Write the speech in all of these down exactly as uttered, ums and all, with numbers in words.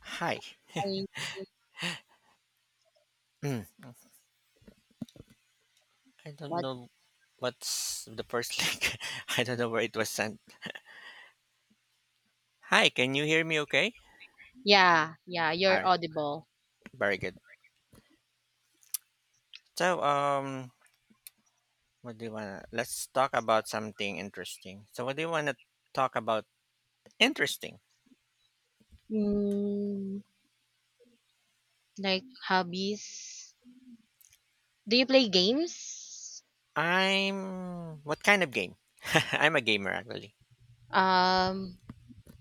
Hi. I, Mm. I don't what? know what's the first link. I don't know where it was sent. Hi, can you hear me okay? Yeah, yeah, All you're right. audible. Very good. So, um what do you want to Let's talk about something interesting. So, what do you want to talk about interesting? Mm, like hobbies. Do you play games? I'm what kind of game? I'm a gamer actually. Um,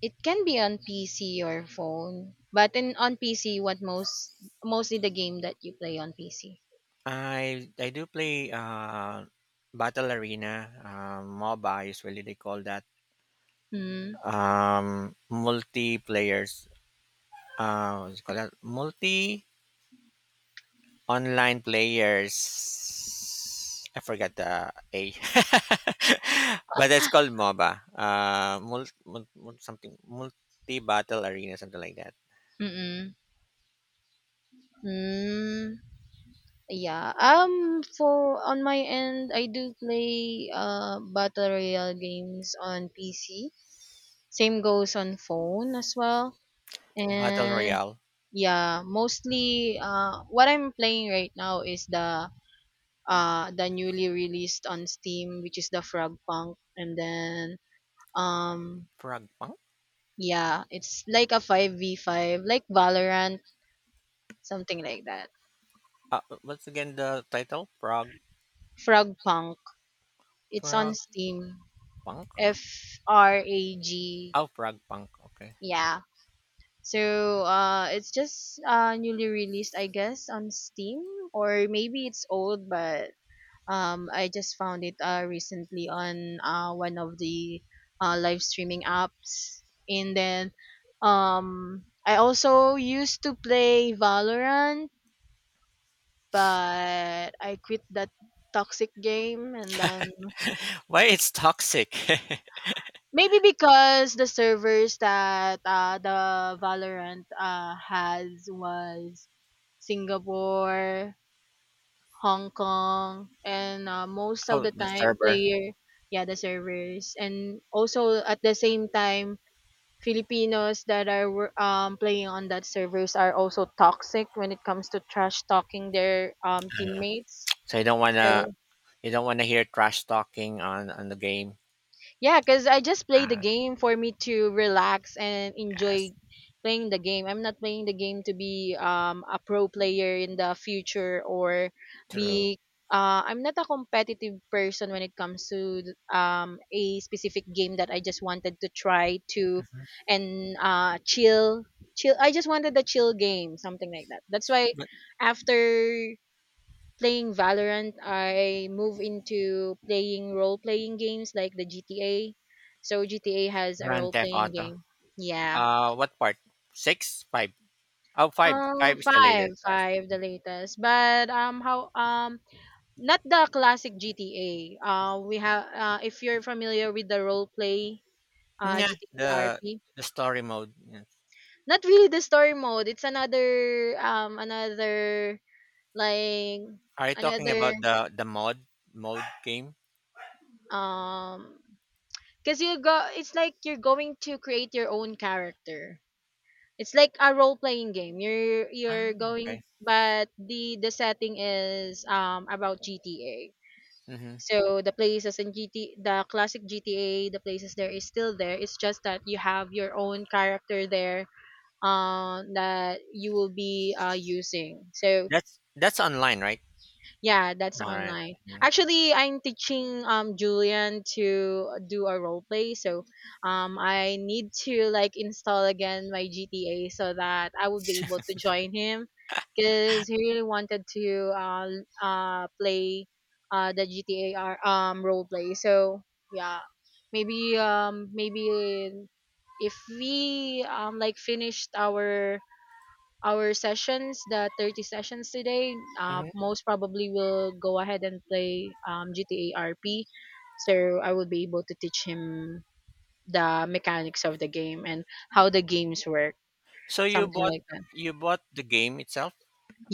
it can be on P C or phone, but in on P C, what most mostly the game that you play on P C. I I do play uh Battle Arena, um MOBA usually they call that. Hmm. Um multiplayers, uh what do you call that, multi online players, I forgot the a. But that's called MOBA, uh mul- mul- mul- something multi battle arena, something like that. Mm, mm, yeah. Um, for on my end, I do play uh battle royale games on P C. Same goes on phone as well. Battle And royale. Yeah, mostly uh what I'm playing right now is the uh the newly released on Steam, which is the Frog Punk, and then um Frog punk. yeah, it's like a five v five, like Valorant, something like that. Ah, uh, what's again the title? Frog, Frog Punk. It's on frog Steam. punk. F R A G. Oh, frog punk, okay. Yeah. So uh it's just uh newly released, I guess, on Steam, or maybe it's old, but Um, I just found it uh, recently on uh, one of the uh, live streaming apps, and then um, I also used to play Valorant, but I quit that toxic game, and then Why it's toxic? maybe because the servers that uh, the Valorant uh, has was Singapore, Hong Kong, and uh, most of Oh, the the time server. player, yeah, the servers, and also at the same time, Filipinos that are wor- um, playing on that servers are also toxic when it comes to trash talking their um, Uh, teammates. so you don't want to So you don't want to hear trash talking on on the game. Yeah, because I just play the uh game for me to relax and that's enjoy playing the game. I'm not playing the game to be um a pro player in the future, or true. be uh I'm not a competitive person when it comes to th- um a specific game that I just wanted to try to and uh chill chill I just wanted a chill game, something like that. That's why What? after playing Valorant, I move into playing role playing games like the G T A. So G T A has a Grand role Theft playing Auto? game. Yeah. Uh, what part? Six, five? Oh, five. Five Um, is the five, latest, five, right? the latest. But um, how um, not the classic G T A. Uh, we have, uh, if you're familiar with the role play, uh, Yeah, G T A the R P. the story mode, yeah. Not really the story mode. It's another um, another like Are you talking another about the the mod mode game? um Because you go, it's like you're going to create your own character. It's like a role playing game. You're Ah, you're okay. going, but the the setting is um about G T A. Mm-hmm. So the places in G T, the classic G T A, the places there is still there. It's just that you have your own character there, um, that you will be uh using. So That's that's online, right? Yeah, that's All right. online. Mm-hmm. Actually, I'm teaching um Julian to do a role play, so um I need to like install again my G T A so that I would be able to join him because he really wanted to uh l- uh play uh the G T A R- um role play. So yeah, maybe um maybe if we um like finished our our sessions, the thirty sessions today, uh, Mm-hmm. most probably will go ahead and play um, G T A R P. So I will be able to teach him the mechanics of the game and how the games work, So you something bought, like that. you bought the game itself?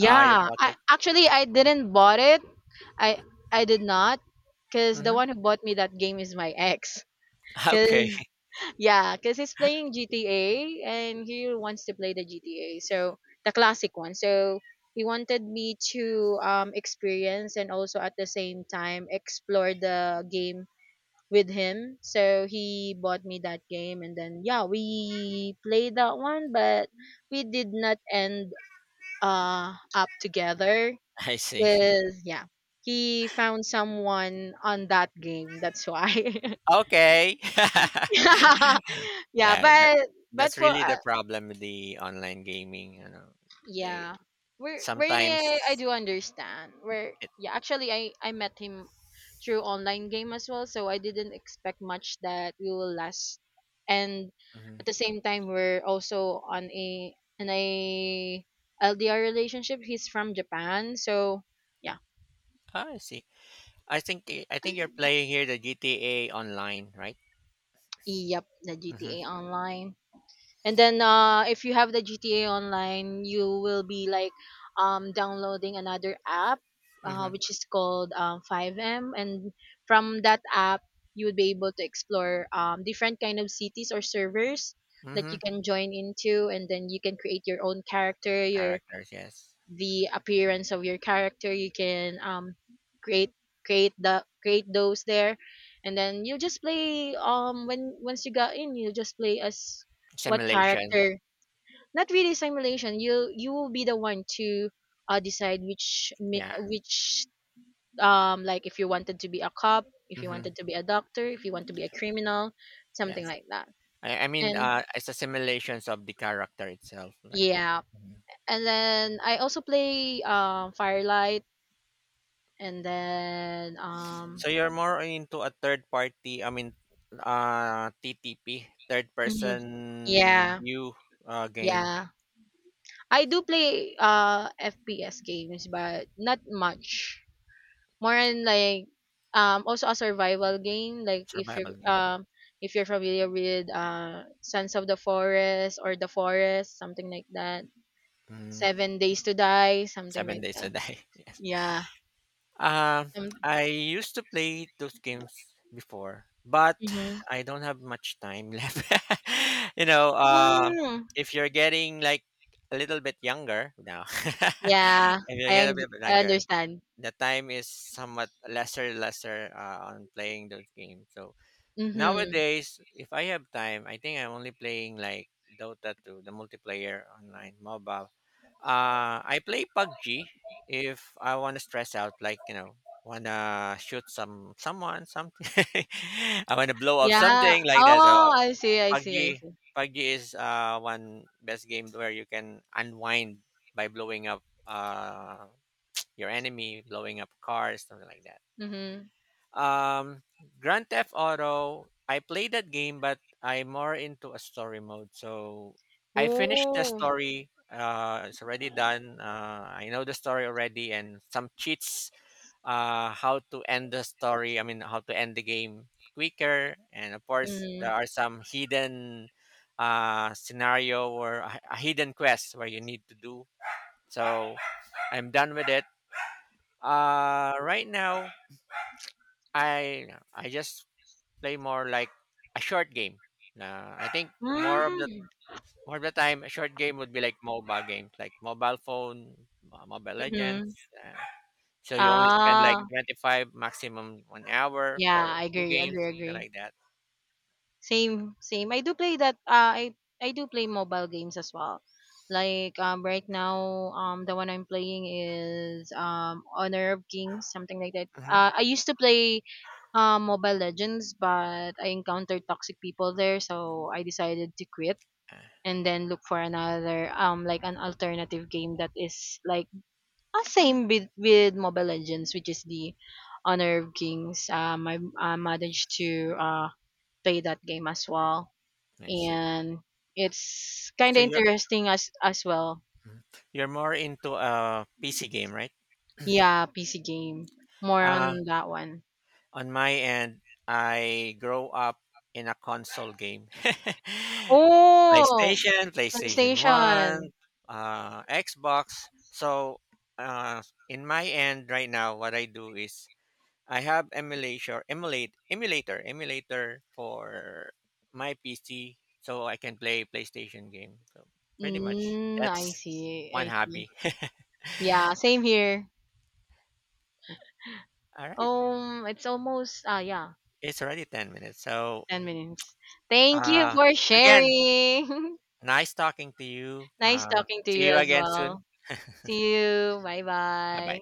Ah, you bought I it. actually I didn't bought it. I I did not, cause the Mm-hmm. one who bought me that game is my ex. Okay. Cause Yeah, because he's playing G T A and he wants to play the G T A, so the classic one. So he wanted me to um, experience and also at the same time explore the game with him. So he bought me that game, and then yeah, we played that one, but we did not end uh, up together I see. because yeah, he found someone on that game. That's why. Okay. yeah, that, that but but that's for really uh, the problem with the online gaming. You know, they. Yeah. Where wherein I I Sometimes do understand. Where it. Yeah, actually, I I met him through online game as well, so I didn't expect much that we will last. And Mhm. at the same time, we're also on a in a L D R relationship. He's from Japan, so yeah. Ah, I see. I think y- I think you're playing here the G T A Online, right? Yep, the Mm-hmm. G T A Online. And then uh if you have the G T A online, you will be like um downloading another app, uh, Mm-hmm. which is called um five M, and from that app, you would be able to explore um different kind of cities or servers that Mm-hmm. you can join into, and then you can create your own character, your Characters, yes. the appearance of your character you can um create create the create those there, and then you just play um when once you got in, you just play as what Simulation, character. Not really simulation, you you will be the one to uh decide which mi- yeah. which um like if you wanted to be a cop, if you Mm-hmm. wanted to be a doctor, if you want to be a criminal, something Yes. like that. I, I mean, And uh, it's a simulations of the character itself, like. yeah, Mhm. and then I also play um firelight, and then um So you're more into a third party. I mean, uh, T T P, third mhm. person Yeah, view, uh, game. yeah, I do play uh F P S games, but not much, more on like um also a survival game, like if you Survival game. um if you're familiar with uh sons of the forest or the forest, something like that, Mhm. seven days to die, something Seven like days a that, day. Yes. yeah. Um, Some, I used to play those games before, but mm-hmm. I don't have much time left. You know, uh, if you're getting like a little bit younger now, Yeah, if you i, get a un- bit I younger, understand. the time is somewhat lesser, lesser, uh, on playing those games. So Mm-hmm. nowadays, if I have time, I think I'm only playing like Dota two, the multiplayer online mobile. Uh, I play PUBG if I want to stress out, like, you know, wanna shoot some someone, something. I wanna blow up Yeah. something like that. So Oh, I see, I see, I PUBG, see. PUBG, is uh one best game where you can unwind by blowing up, uh your enemy, blowing up cars, something like that. Mhm. Um, Grand Theft Auto, I played that game, but I'm more into a story mode. So I finished the Ooh. story. Uh, it's already done. Uh, I know the story already, and some cheats. Uh, how to end the story? I mean, how to end the game quicker. And of course, Mhm. there are some hidden, uh, scenario, or a, a hidden quest where you need to do. So I'm done with it. Uh, right now, I I just play more like a short game. Na I think more of the Mm. more of the time, a short game would be like mobile games, like mobile phone, uh, mobile Mhm. legends. Uh, so you only spend like Ah. twenty five maximum one hour Yeah, for I two agree, games, agree, something agree. like that. Same, same. I do play that. Uh, I I do play mobile games as well. Like um, right now, um, the one I'm playing is um, Honor of Kings, something like that. Hmm. Uh, I used to play um Mobile Legends, but I encountered toxic people there, so I decided to quit Uh, and then look for another um like an alternative game that is like uh, same with with Mobile Legends, which is the Honor of Kings. Um, I, I managed to uh play that game as well, I see. and it's kind So of you're interesting as as well. Mhm. You're more into a P C game, right? Yeah, P C game. More Uh, on that one. On my end, I grow up in a console game. Oh, PlayStation, PlayStation one, PlayStation. uh, Xbox. So, uh, in my end right now, what I do is I have emulator, emulate, emulator, emulator for my P C, so I can play PlayStation game. So, pretty much Mm, I that's see. one I see. hobby. Yeah, same here. All right. Um, it's almost ah yeah, It's already ten minutes. So, ten minutes. Thank you uh, for again, sharing. nice talking to you. Nice Uh, talking to See you you as again soon. well. See you. Bye Bye bye. bye.